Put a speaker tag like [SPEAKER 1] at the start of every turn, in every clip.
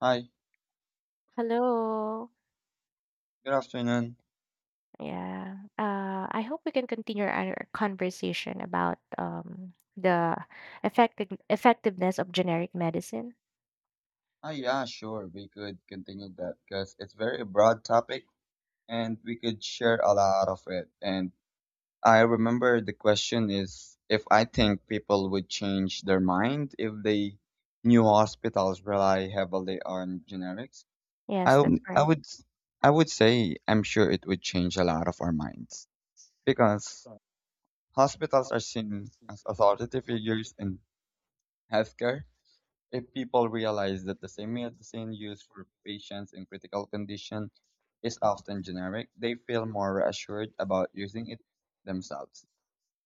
[SPEAKER 1] Hi,
[SPEAKER 2] Hello.
[SPEAKER 1] good afternoon.
[SPEAKER 2] Yeah. I hope we can continue our conversation about the effectiveness of generic medicine.
[SPEAKER 1] Yeah, sure, we could continue that because it's very broad topic and we could share a lot of it. And I remember the question is if I think people would change their mind if they new hospitals rely heavily on generics. I
[SPEAKER 2] Yes, that's
[SPEAKER 1] w- I
[SPEAKER 2] correct.
[SPEAKER 1] would s- I would say I'm sure it would change a lot of our minds because hospitals are seen as authority figures in healthcare. If people realize that the same medicine used for patients in critical condition is often generic, they feel more reassured about using it themselves.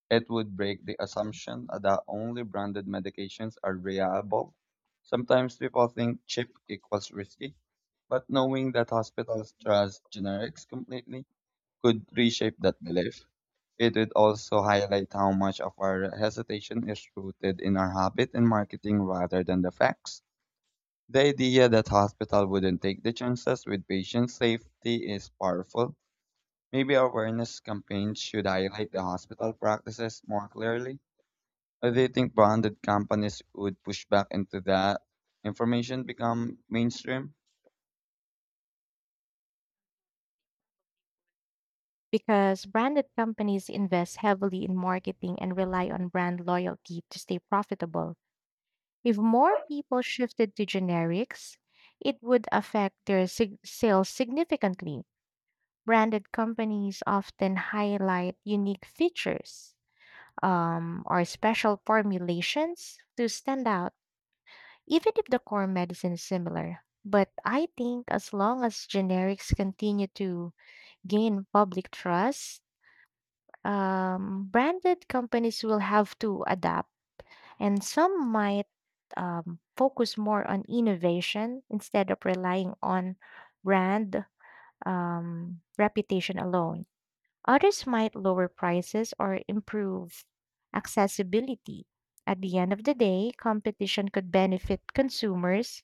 [SPEAKER 1] It would break the assumption that only branded medications are reliable. Sometimes people think cheap equals risky, but knowing that hospitals trust generics completely could reshape that belief. It would also highlight how much of our hesitation is rooted in our habit and marketing rather than the facts. The idea that hospital wouldn't take the chances with patient safety is powerful. Maybe awareness campaigns should highlight the hospital practices more clearly. Or do you think branded companies would push back into that information become mainstream?
[SPEAKER 2] Because branded companies invest heavily in marketing and rely on brand loyalty to stay profitable. If more people shifted to generics, it would affect their sales significantly. Branded companies often highlight unique features or special formulations to stand out, even if the core medicine is similar. But I think as long as generics continue to gain public trust, branded companies will have to adapt. And some might focus more on innovation instead of relying on brand reputation alone. Others might lower prices or improve accessibility. At the end of the day, competition could benefit consumers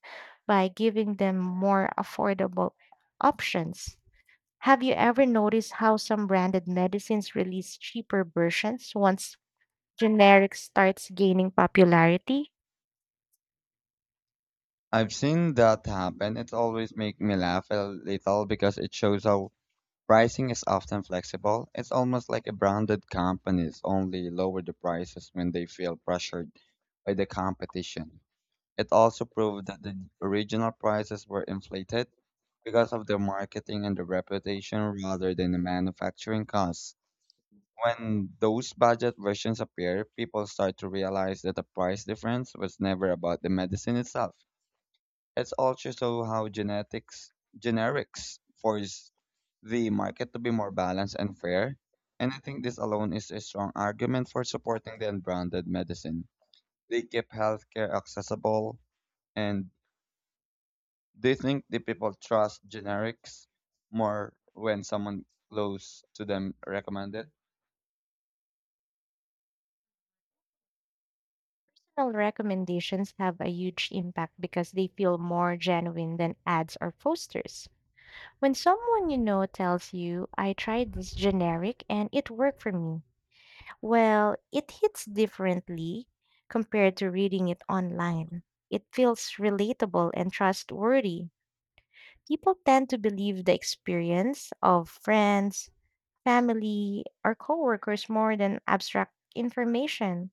[SPEAKER 2] by giving them more affordable options. Have you ever noticed how some branded medicines release cheaper versions once generic starts gaining popularity?
[SPEAKER 1] I've seen that happen. It always makes me laugh a little because it shows how pricing is often flexible. It's almost like a branded companies only lower the prices when they feel pressured by the competition. It also proved that the original prices were inflated because of their marketing and their reputation rather than the manufacturing costs. When those budget versions appear, people start to realize that the price difference was never about the medicine itself. It's also so how genetics generics force the market to be more balanced and fair. And I think this alone is a strong argument for supporting the unbranded medicine. They keep healthcare accessible, and do you think the people trust generics more when someone close to them recommend it?
[SPEAKER 2] Personal recommendations have a huge impact because they feel more genuine than ads or posters. When someone you know tells you, I tried this generic and it worked for me, well, it hits differently compared to reading it online. It feels relatable and trustworthy. People tend to believe the experience of friends, family, or coworkers more than abstract information.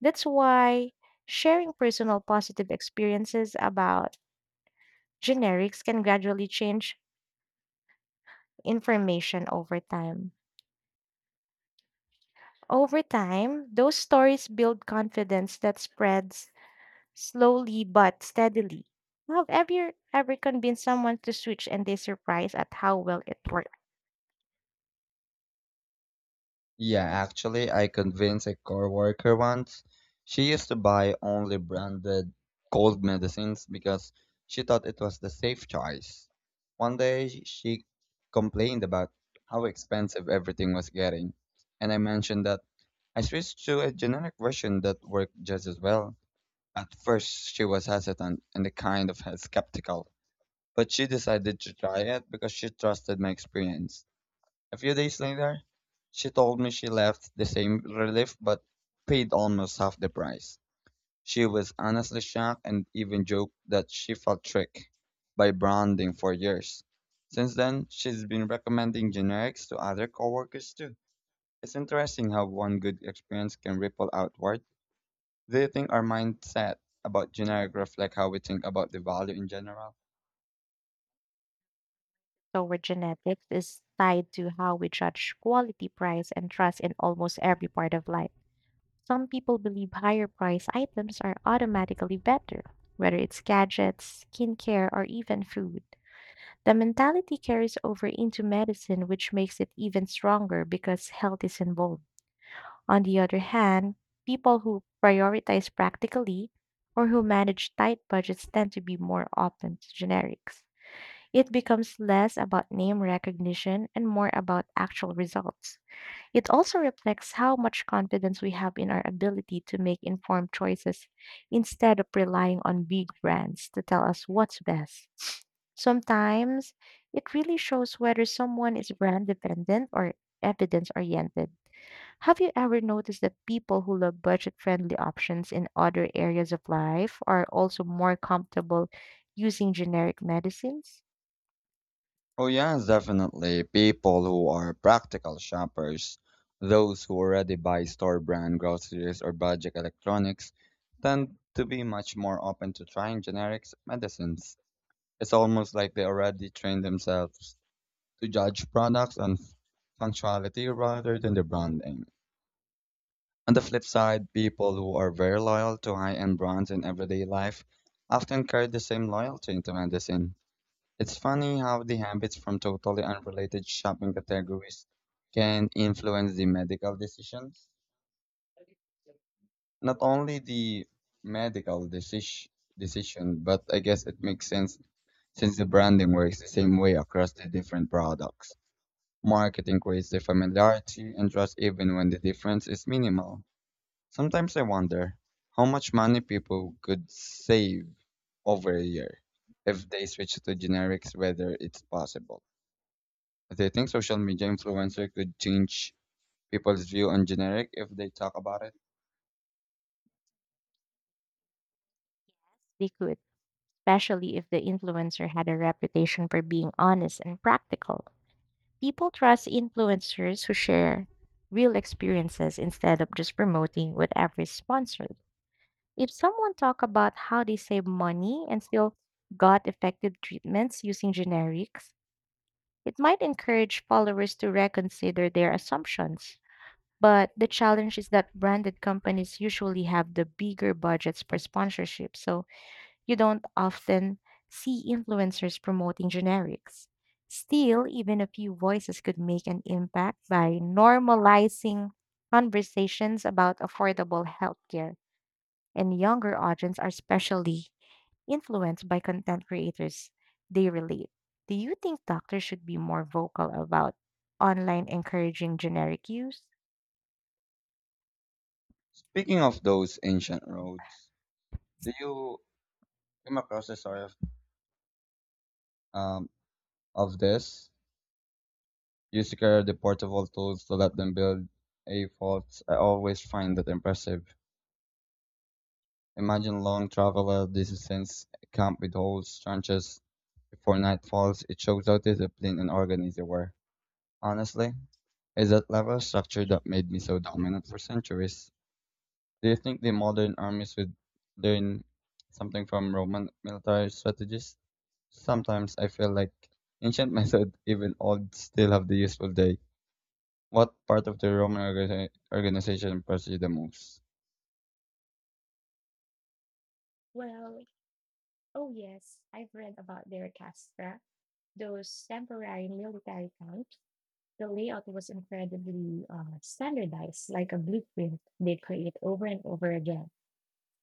[SPEAKER 2] That's why sharing personal positive experiences about generics can gradually change information over time. Over time, those stories build confidence that spreads slowly but steadily. Have you ever convinced someone to switch and they surprise at how well it worked?
[SPEAKER 1] Yeah, actually, I convinced a coworker once. She used to buy only branded cold medicines because she thought it was the safe choice. One day, she complained about how expensive everything was getting, and I mentioned that I switched to a generic version that worked just as well. At first, she was hesitant and a kind of skeptical. But she decided to try it because she trusted my experience. A few days later, she told me she left the same relief but paid almost half the price. She was honestly shocked and even joked that she felt tricked by branding for years. Since then, she's been recommending generics to other coworkers too. It's interesting how one good experience can ripple outward. Do you think our mindset about generic reflect how we think about the value in general?
[SPEAKER 2] So, our genetics is tied to how we judge quality, price, and trust in almost every part of life. Some people believe higher priced items are automatically better, whether it's gadgets, skincare, or even food. The mentality carries over into medicine, which makes it even stronger because health is involved. On the other hand, people who prioritize practically or who manage tight budgets tend to be more open to generics. It becomes less about name recognition and more about actual results. It also reflects how much confidence we have in our ability to make informed choices instead of relying on big brands to tell us what's best. Sometimes it really shows whether someone is brand dependent or evidence oriented. Have you ever noticed that people who love budget friendly options in other areas of life are also more comfortable using generic medicines?
[SPEAKER 1] Oh yeah, definitely. People who are practical shoppers, those who already buy store brand groceries or budget electronics, tend to be much more open to trying generics medicines. It's almost like they already train themselves to judge products on functionality rather than the brand name. On the flip side, people who are very loyal to high-end brands in everyday life often carry the same loyalty into medicine. It's funny how the habits from totally unrelated shopping categories can influence the medical decisions. Not only the medical decision, but I guess it makes sense since the branding works the same way across the different products. Marketing creates the familiarity and trust even when the difference is minimal. Sometimes I wonder how much money people could save over a year if they switch to generics, whether it's possible. They think social media influencer could change people's view on generic if they talk about it.
[SPEAKER 2] They could, especially if the influencer had a reputation for being honest and practical. People trust influencers who share real experiences instead of just promoting whatever is sponsored. If someone talk about how they save money and still got effective treatments using generics, it might encourage followers to reconsider their assumptions. But the challenge is that branded companies usually have the bigger budgets per sponsorship, so you don't often see influencers promoting generics. Still, even a few voices could make an impact by normalizing conversations about affordable healthcare. And younger audiences are especially influenced by content creators they relate. Do you think doctors should be more vocal about online encouraging generic use?
[SPEAKER 1] Speaking of those ancient roads, do you come across the story um of this? You secure the portable tools to let them build a fort. I always find that impressive. Imagine long traveler distance camp with holes, trenches before night falls. It shows how disciplined and organized they were. Honestly, is that level of structure that made me so dominant for centuries? Do you think the modern armies would learn something from Roman military strategies? Sometimes I feel like ancient methods, even old, still have the useful day. What part of the Roman organization impressed you the most?
[SPEAKER 2] Well, oh yes, I've read about their CASTRA, those temporary military camps. The layout was incredibly standardized, like a blueprint they create over and over again,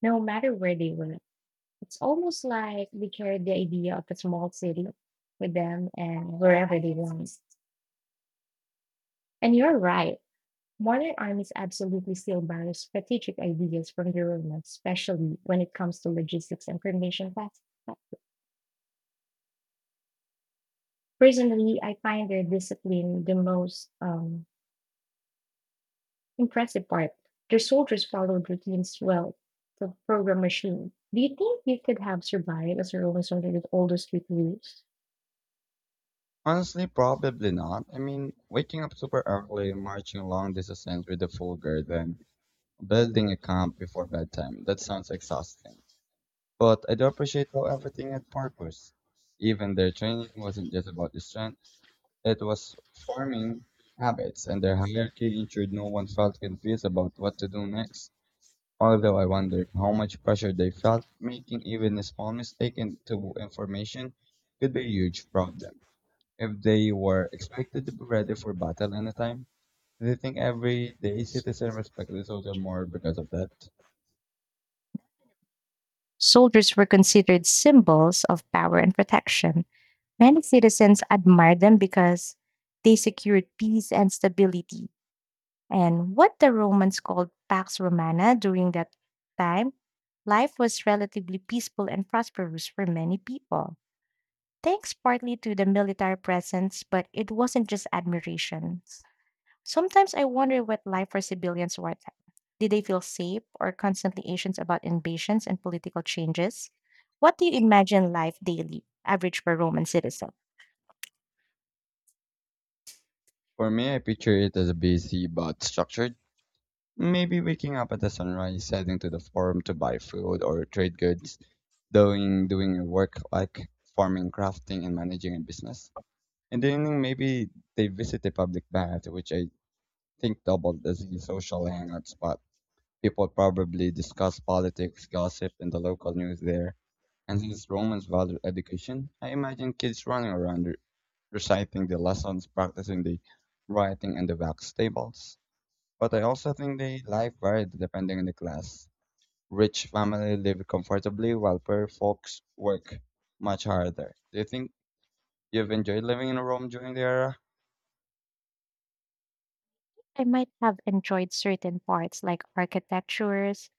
[SPEAKER 2] no matter where they were. It's almost like they carried the idea of a small city with them and wherever they went. And you're right, modern armies absolutely still borrow strategic ideas from the Romans, especially when it comes to logistics and formation tasks. Personally, I find their discipline the most impressive part. Their soldiers followed routines well. The program machine. Do you think you could have survived as a Roman soldier with all those reviews?
[SPEAKER 1] Honestly, probably not. I mean, waking up super early, marching long distances with the full guard, then building a camp before bedtime. That sounds exhausting. But I do appreciate how everything had purpose. Even their training wasn't just about the strength. It was forming habits, and their hierarchy ensured no one felt confused about what to do next. Although I wondered how much pressure they felt, making even a small mistake into information could be a huge problem. If they were expected to be ready for battle anytime, do think everyday citizen respect is also more because of that?
[SPEAKER 2] Soldiers were considered symbols of power and protection. Many citizens admired them because they secured peace and stability. And what the Romans called Pax Romana during that time, life was relatively peaceful and prosperous for many people. Thanks partly to the military presence, but it wasn't just admiration. Sometimes I wonder what life for civilians were like. Did they feel safe or constantly anxious about invasions and political changes? What do you imagine life daily, average for Roman citizen?
[SPEAKER 1] For me, I picture it as a busy but structured. Maybe waking up at the sunrise, heading to the farm to buy food or trade goods, doing your work like farming, crafting, and managing a business. In the evening, maybe they visit a public bath, which I think doubled as a social hangout spot. People probably discuss politics, gossip, and the local news there. And since Romans valued education, I imagine kids running around reciting the lessons, practicing the writing, and the wax tables. But I also think the life varied depending on the class. Rich families live comfortably while poor folks work much harder. Do you think you've enjoyed living in Rome during the era?
[SPEAKER 2] I might have enjoyed certain parts like architectures,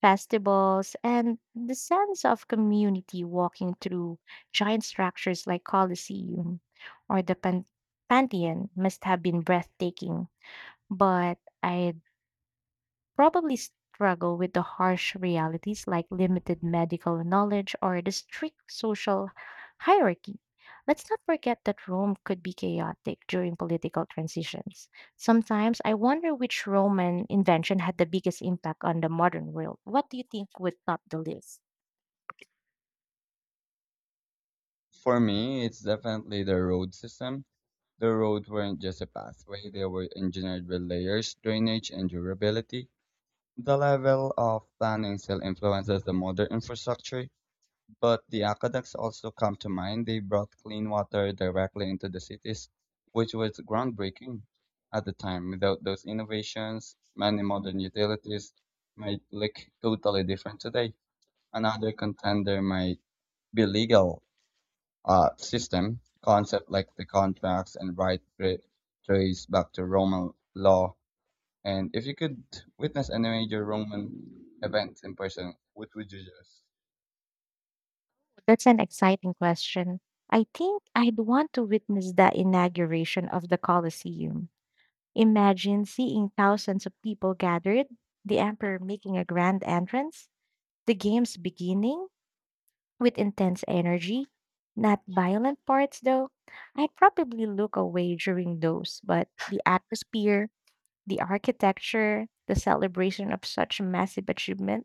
[SPEAKER 2] festivals, and the sense of community walking through giant structures like Colosseum or the Pantheon must have been breathtaking, but I'd probably struggle with the harsh realities like limited medical knowledge or the strict social hierarchy. Let's not forget that Rome could be chaotic during political transitions. Sometimes I wonder which Roman invention had the biggest impact on the modern world. What do you think would top the list?
[SPEAKER 1] For me, it's definitely the road system. The roads weren't just a pathway, they were engineered with layers, drainage, and durability. The level of planning still influences the modern infrastructure, but the aqueducts also come to mind. They brought clean water directly into the cities, which was groundbreaking at the time. Without those innovations, many modern utilities might look totally different today. Another contender might be legal system. Concept like the contracts and right trace back to Roman law. And if you could witness any major Roman event in person, what would you choose?
[SPEAKER 2] That's an exciting question. I think I'd want to witness the inauguration of the Colosseum. Imagine seeing thousands of people gathered, the emperor making a grand entrance, the games beginning with intense energy, not violent parts though. I'd probably look away during those, but the atmosphere, the architecture, the celebration of such massive achievement,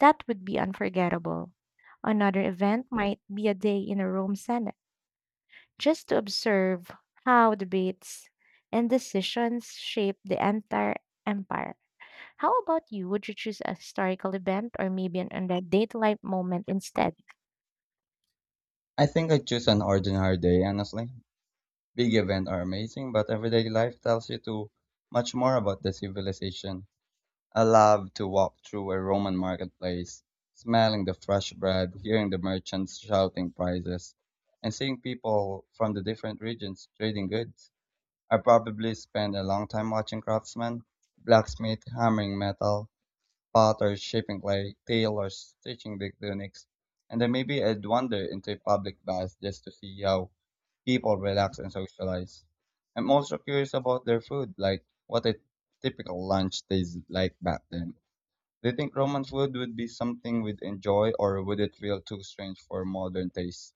[SPEAKER 2] that would be unforgettable. Another event might be a day in a Rome Senate just to observe how debates and decisions shape the entire empire. How about you? Would you choose a historical event or maybe an undead life moment instead?
[SPEAKER 1] I think I choose an ordinary day, honestly. Big events are amazing, but everyday life tells you too much more about the civilization. I love to walk through a Roman marketplace, smelling the fresh bread, hearing the merchants shouting prices, and seeing people from the different regions trading goods. I probably spend a long time watching craftsmen, blacksmith hammering metal, potters shaping clay, tailors stitching the tunics, and then maybe I'd wander into a public bath just to see how people relax and socialize. I'm also curious about their food, like what a typical lunch tastes like back then. Do you think Roman food would be something we'd enjoy, or would it feel too strange for modern tastes?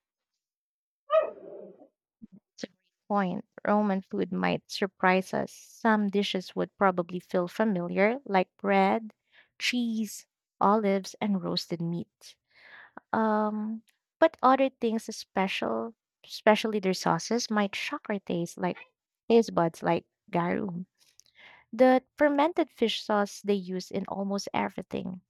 [SPEAKER 2] It's a great point. Roman food might surprise us. Some dishes would probably feel familiar, like bread, cheese, olives, and roasted meat. Um, but other things is special, especially their sauces, might shock our taste like taste buds like garum. The fermented fish sauce they use in almost everything.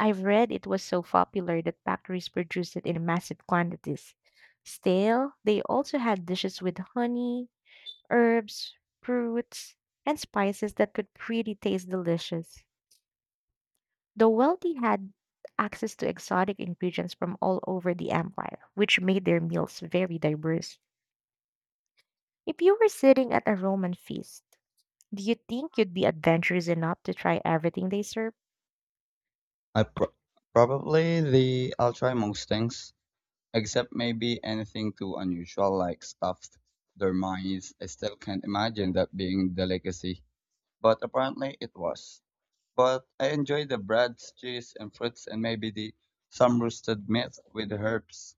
[SPEAKER 2] I've read it was so popular that factories produced it in massive quantities. Still, they also had dishes with honey, herbs, fruits, and spices that could pretty taste delicious. The wealthy had access to exotic ingredients from all over the empire, which made their meals very diverse. If you were sitting at a Roman feast, do you think you'd be adventurous enough to try everything they serve?
[SPEAKER 1] I pro- Probably the I'll try most things, except maybe anything too unusual, like stuffed dormice. I still can't imagine that being delicacy, but apparently it was. But I enjoy the bread, cheese, and fruits, and maybe the some roasted meat with herbs.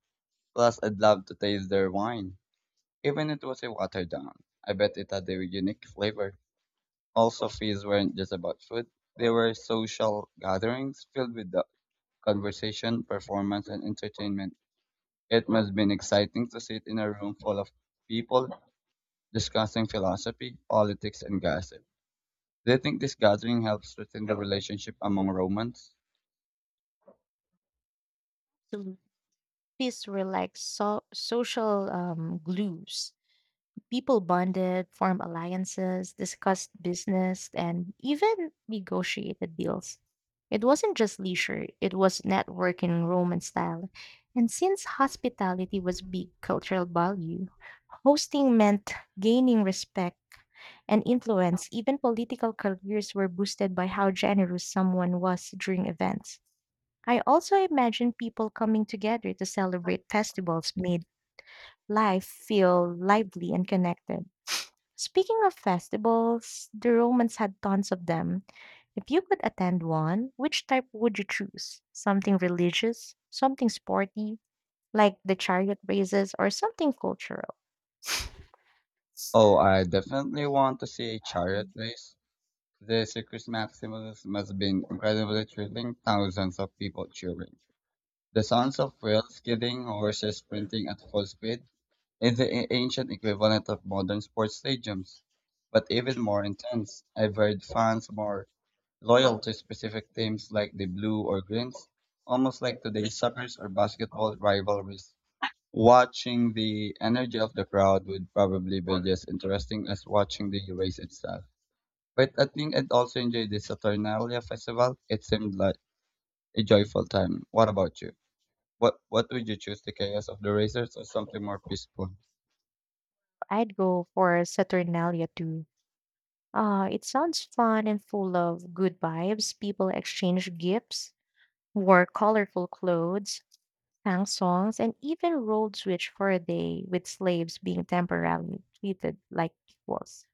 [SPEAKER 1] Plus, I'd love to taste their wine, even if it was a watered down. I bet it had a unique flavor. Also, feasts weren't just about food; they were social gatherings filled with the conversation, performance, and entertainment. It must have been exciting to sit in a room full of people discussing philosophy, politics, and gossip. Do you think this gathering helps strengthen the relationship among Romans?
[SPEAKER 2] These were like social glues. People bonded, formed alliances, discussed business, and even negotiated deals. It wasn't just leisure, it was networking Roman style. And since hospitality was big cultural value, hosting meant gaining respect and influence. Even political careers were boosted by how generous someone was during events. I also imagine people coming together to celebrate festivals made life feel lively and connected. Speaking of festivals, the Romans had tons of them. If you could attend one, which type would you choose? Something religious, something sporty, like the chariot races, or something cultural?
[SPEAKER 1] Oh, I definitely want to see a chariot race. The Circus Maximus must have been incredibly thrilling, thousands of people cheering. The sounds of wheels skidding, horses sprinting at full speed is the ancient equivalent of modern sports stadiums, but even more intense. I've heard fans more loyal to specific teams like the Blue or Greens, almost like today's soccer or basketball rivalries. Watching the energy of the crowd would probably be just interesting as watching the race itself. But I think I'd also enjoy the Saturnalia festival. It seemed like a joyful time. What about you? What would you choose, the chaos of the racers or something more peaceful?
[SPEAKER 2] I'd go for Saturnalia too. It sounds fun and full of good vibes. People exchanged gifts, wore colorful clothes, sang songs, and even rolled switch for a day with slaves being temporarily treated like equals.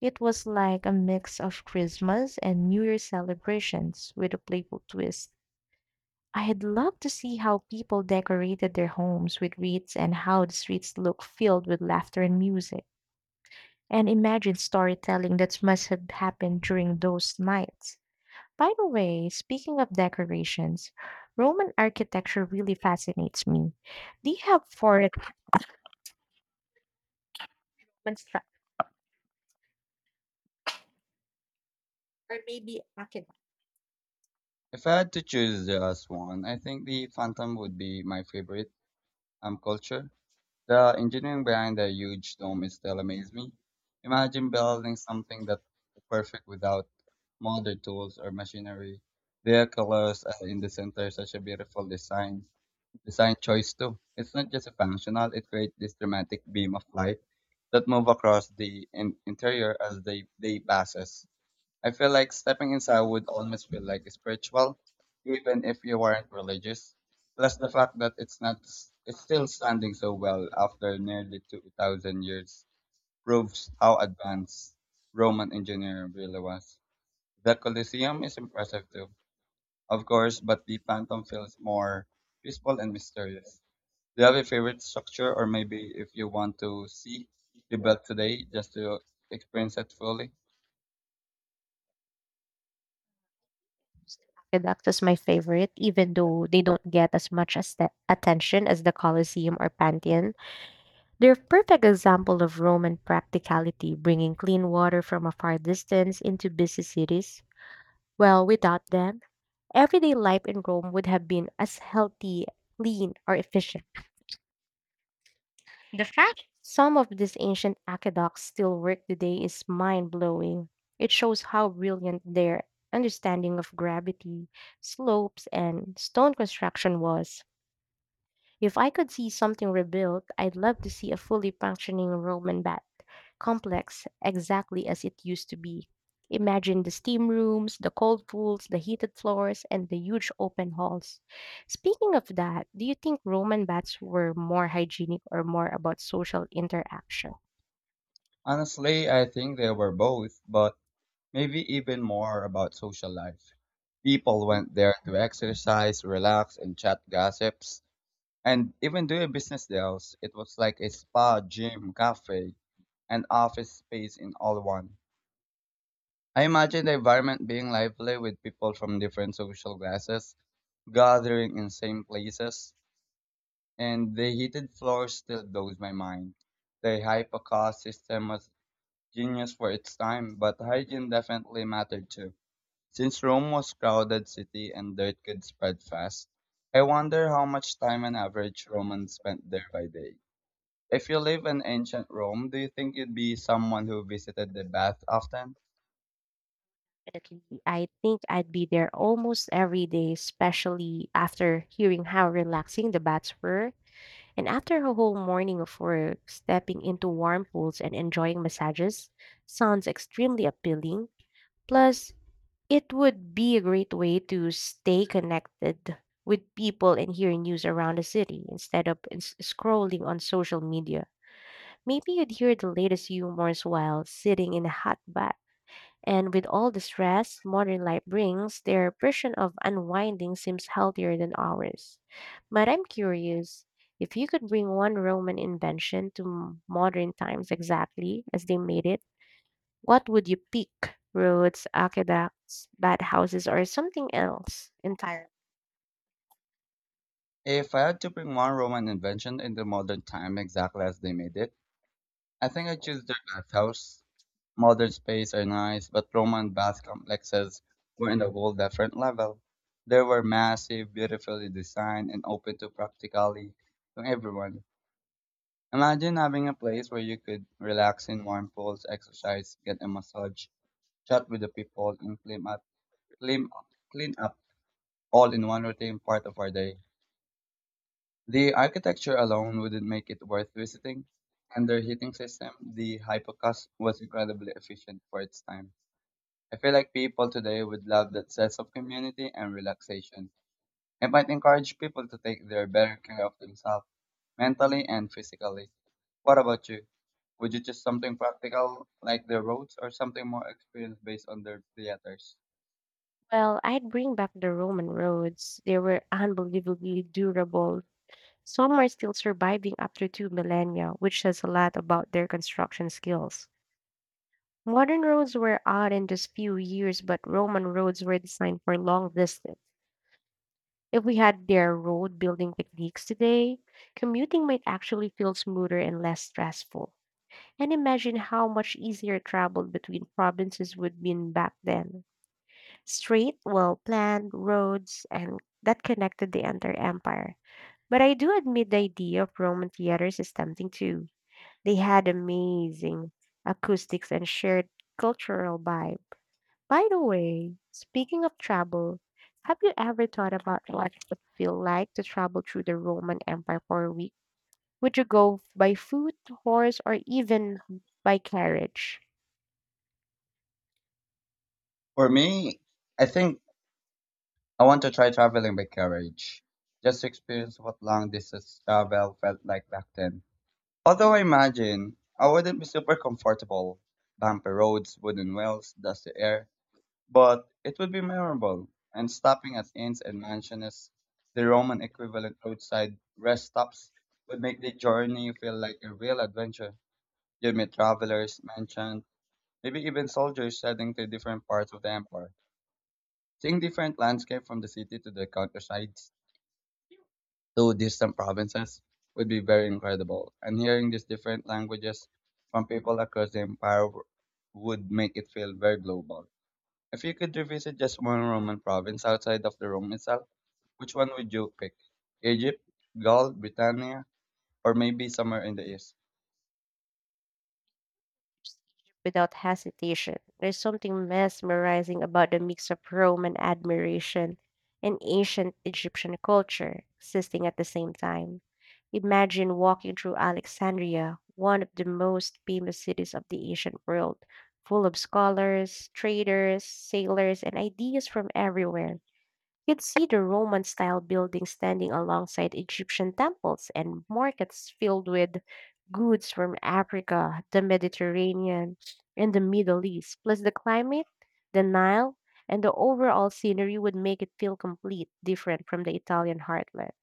[SPEAKER 2] It was like a mix of Christmas and New Year celebrations with a playful twist. I had loved to see how people decorated their homes with wreaths and how the streets looked filled with laughter and music. And imagine storytelling that must have happened during those nights. By the way, speaking of decorations, Roman architecture really fascinates me. Do you have favorite Roman or maybe architecture?
[SPEAKER 1] If I had to choose just one, I think the Phantom would be my favorite culture. The engineering behind the huge dome is still amazes me. Imagine building something that perfect without modern tools or machinery. Their colors in the center is such a beautiful design choice too. It's not just a functional; it creates this dramatic beam of light that move across the interior as they passes. I feel like stepping inside would almost feel like spiritual, even if you weren't religious. Plus the fact that it's not it's still standing so well after nearly 2,000 years proves how advanced Roman engineering really was. The Colosseum is impressive too, of course, but the Phantom feels more peaceful and mysterious. Do you have a favorite structure or maybe if you want to see the built today just to experience it fully?
[SPEAKER 2] Redux is my favorite, even though they don't get as much as the attention as the Colosseum or Pantheon. They're a perfect example of Roman practicality, bringing clean water from a far distance into busy cities. Well, without them, everyday life in Rome would have been as healthy, clean, or efficient. The fact some of these ancient aqueducts still work today is mind blowing. It shows how brilliant their understanding of gravity, slopes, and stone construction was. If I could see something rebuilt, I'd love to see a fully functioning Roman bath complex exactly as it used to be. Imagine the steam rooms, the cold pools, the heated floors, and the huge open halls. Speaking of that, do you think Roman baths were more hygienic or more about social interaction?
[SPEAKER 1] Honestly, I think they were both, but maybe even more about social life. People went there to exercise, relax, and chat gossips, and even do business deals. It was like a spa, gym, cafe, and office space in all one. I imagine the environment being lively with people from different social classes gathering in same places, and the heated floor still blows my mind. The hypercar system was genius for its time, but hygiene definitely mattered too. Since Rome was crowded city and dirt could spread fast, I wonder how much time an average Roman spent there by day. If you live in ancient Rome, do you think you'd be someone who visited the bath often?
[SPEAKER 2] Definitely. I think I'd be there almost every day, especially after hearing how relaxing the baths were. And after a whole morning of work, stepping into warm pools and enjoying massages sounds extremely appealing. Plus, it would be a great way to stay connected with people and hear news around the city instead of scrolling on social media. Maybe you'd hear the latest humors while sitting in a hot bath. And with all the stress modern life brings, their version of unwinding seems healthier than ours. But I'm curious, if you could bring one Roman invention to modern times exactly as they made it, what would you pick? Roads, aqueducts, bathhouses, or something else entirely?
[SPEAKER 1] If I had to bring one Roman invention into modern time exactly as they made it, I think I'd choose their bathhouse. Modern space are nice, but Roman bath complexes were in a whole different level. They were massive, beautifully designed, and open to practically to everyone. Imagine having a place where you could relax in warm pools, exercise, get a massage, chat with the people, and clean up, clean up all in one routine part of our day. The architecture alone wouldn't make it worth visiting, and their heating system, the Hypocast, was incredibly efficient for its time. I feel like people today would love that sense of community and relaxation. I might encourage people to take their better care of themselves mentally and physically. What about you? Would you choose something practical like the roads or something more experience based on the theaters?
[SPEAKER 2] Well, I'd bring back the Roman roads. They were unbelievably durable. Some are still surviving after two millennia, which says a lot about their construction skills. Modern roads were out in just few years, but Roman roads were designed for long distance. If we had their road building techniques today, commuting might actually feel smoother and less stressful. And imagine how much easier travel between provinces would been back then. Straight, well planned roads and that connected the entire empire. But I do admit the idea of Roman theaters is tempting too. They had amazing acoustics and shared cultural vibe. By the way, speaking of travel, have you ever thought about what it would feel like to travel through the Roman Empire for a week? Would you go by foot, horse, or even by carriage?
[SPEAKER 1] For me, I think I want to try traveling by carriage, just to experience what long distance travel felt like back then. Although I imagine I wouldn't be super comfortable. Bumpy roads, wooden wells, dusty air, but it would be memorable. And stopping at inns and mansions, the Roman equivalent roadside rest stops, would make the journey feel like a real adventure. You'd meet travelers, merchants, maybe even soldiers heading to different parts of the empire. Seeing different landscape from the city to the countrysides to distant provinces would be very incredible. And hearing these different languages from people across the empire would make it feel very global. If you could revisit just one Roman province outside of the Rome itself, which one would you pick? Egypt, Gaul, Britannia, or maybe somewhere in the east?
[SPEAKER 2] Without hesitation. There's something mesmerizing about the mix of Roman admiration and ancient Egyptian culture existing at the same time. Imagine walking through Alexandria, one of the most famous cities of the ancient world, full of scholars, traders, sailors, and ideas from everywhere. You'd see the Roman style buildings standing alongside Egyptian temples and markets filled with goods from Africa, the Mediterranean, and the Middle East. Plus, the climate, the Nile, and the overall scenery would make it feel complete, different from the Italian heartland.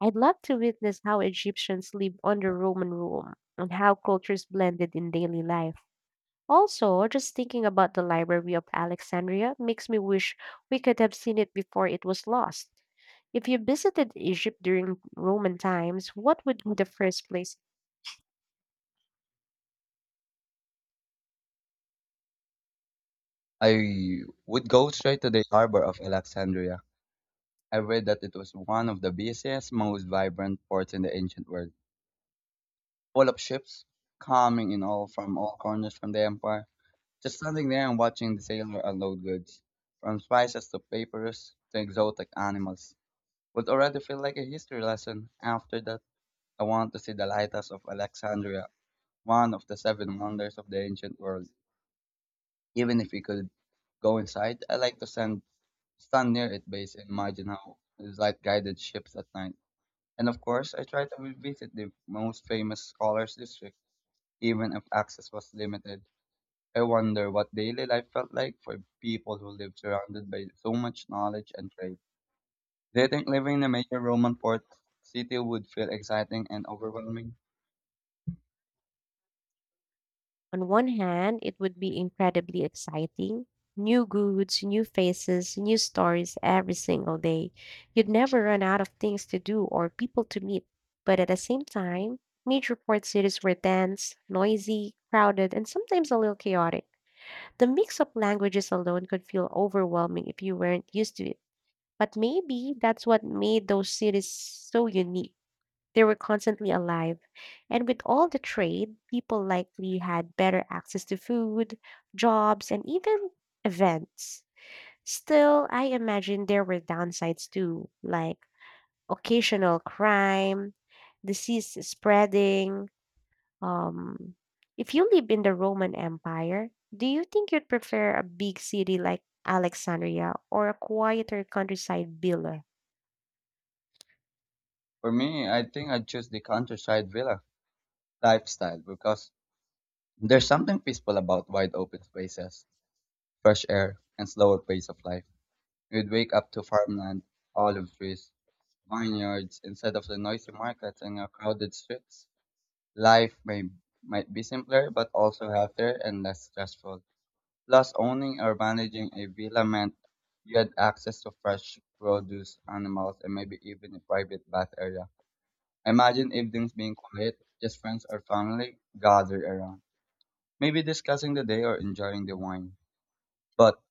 [SPEAKER 2] I'd love to witness how Egyptians lived under Roman rule and how cultures blended in daily life. Also, just thinking about the Library of Alexandria makes me wish we could have seen it before it was lost. If you visited Egypt during Roman times, what would be the first place?
[SPEAKER 1] I would go straight to the harbor of Alexandria. I read that it was one of the busiest, most vibrant ports in the ancient world, full of ships coming in all from all corners from the empire. Just standing there and watching the sailor unload goods, from spices to papyrus to exotic animals, would already feel like a history lesson after that. I want to see the lighthouse of Alexandria, one of the seven wonders of the ancient world. Even if we could go inside, I like to stand near its base and imagine how it's like guided ships at night. And of course, I try to visit the most famous scholars' district, even if access was limited. I wonder what daily life felt like for people who lived surrounded by so much knowledge and trade. Do you think living in a major Roman port city would feel exciting and overwhelming?
[SPEAKER 2] On one hand, it would be incredibly exciting. New goods, new faces, new stories every single day. You'd never run out of things to do or people to meet. But at the same time, major port cities were dense, noisy, crowded, and sometimes a little chaotic. The mix of languages alone could feel overwhelming if you weren't used to it. But maybe that's what made those cities so unique. They were constantly alive. And with all the trade, people likely had better access to food, jobs, and even events. Still, I imagine there were downsides too, like occasional crime, disease spreading, um, if you live in the Roman Empire, do you think you'd prefer a big city like Alexandria or a quieter countryside villa?
[SPEAKER 1] For me, I think I'd choose the countryside villa lifestyle because there's something peaceful about wide open spaces, fresh air, and slower pace of life. You'd wake up to farmland, olive trees, vineyards instead of the noisy markets and your crowded streets. Life may Might be simpler but also healthier and less stressful. Plus, owning or managing a villa meant you had access to fresh produce, animals, and maybe even a private bath area. Imagine evenings being quiet, just friends or family gathered around, maybe discussing the day or enjoying the wine. But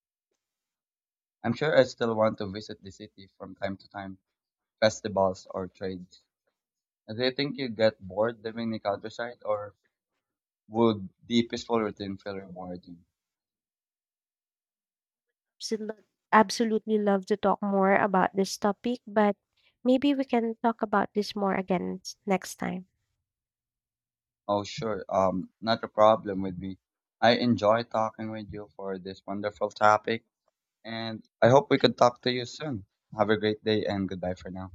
[SPEAKER 1] I'm sure I still want to visit the city from time to time, festivals or trades. Do you think you get bored living the countryside or would the peaceful routine feel rewarding?
[SPEAKER 2] Absolut- Absolutely love to talk more about this topic, but maybe we can talk about this more again next time.
[SPEAKER 1] Oh, sure. Not a problem with me. I enjoy talking with you for this wonderful topic and I hope we could talk to you soon. Have a great day and goodbye for now.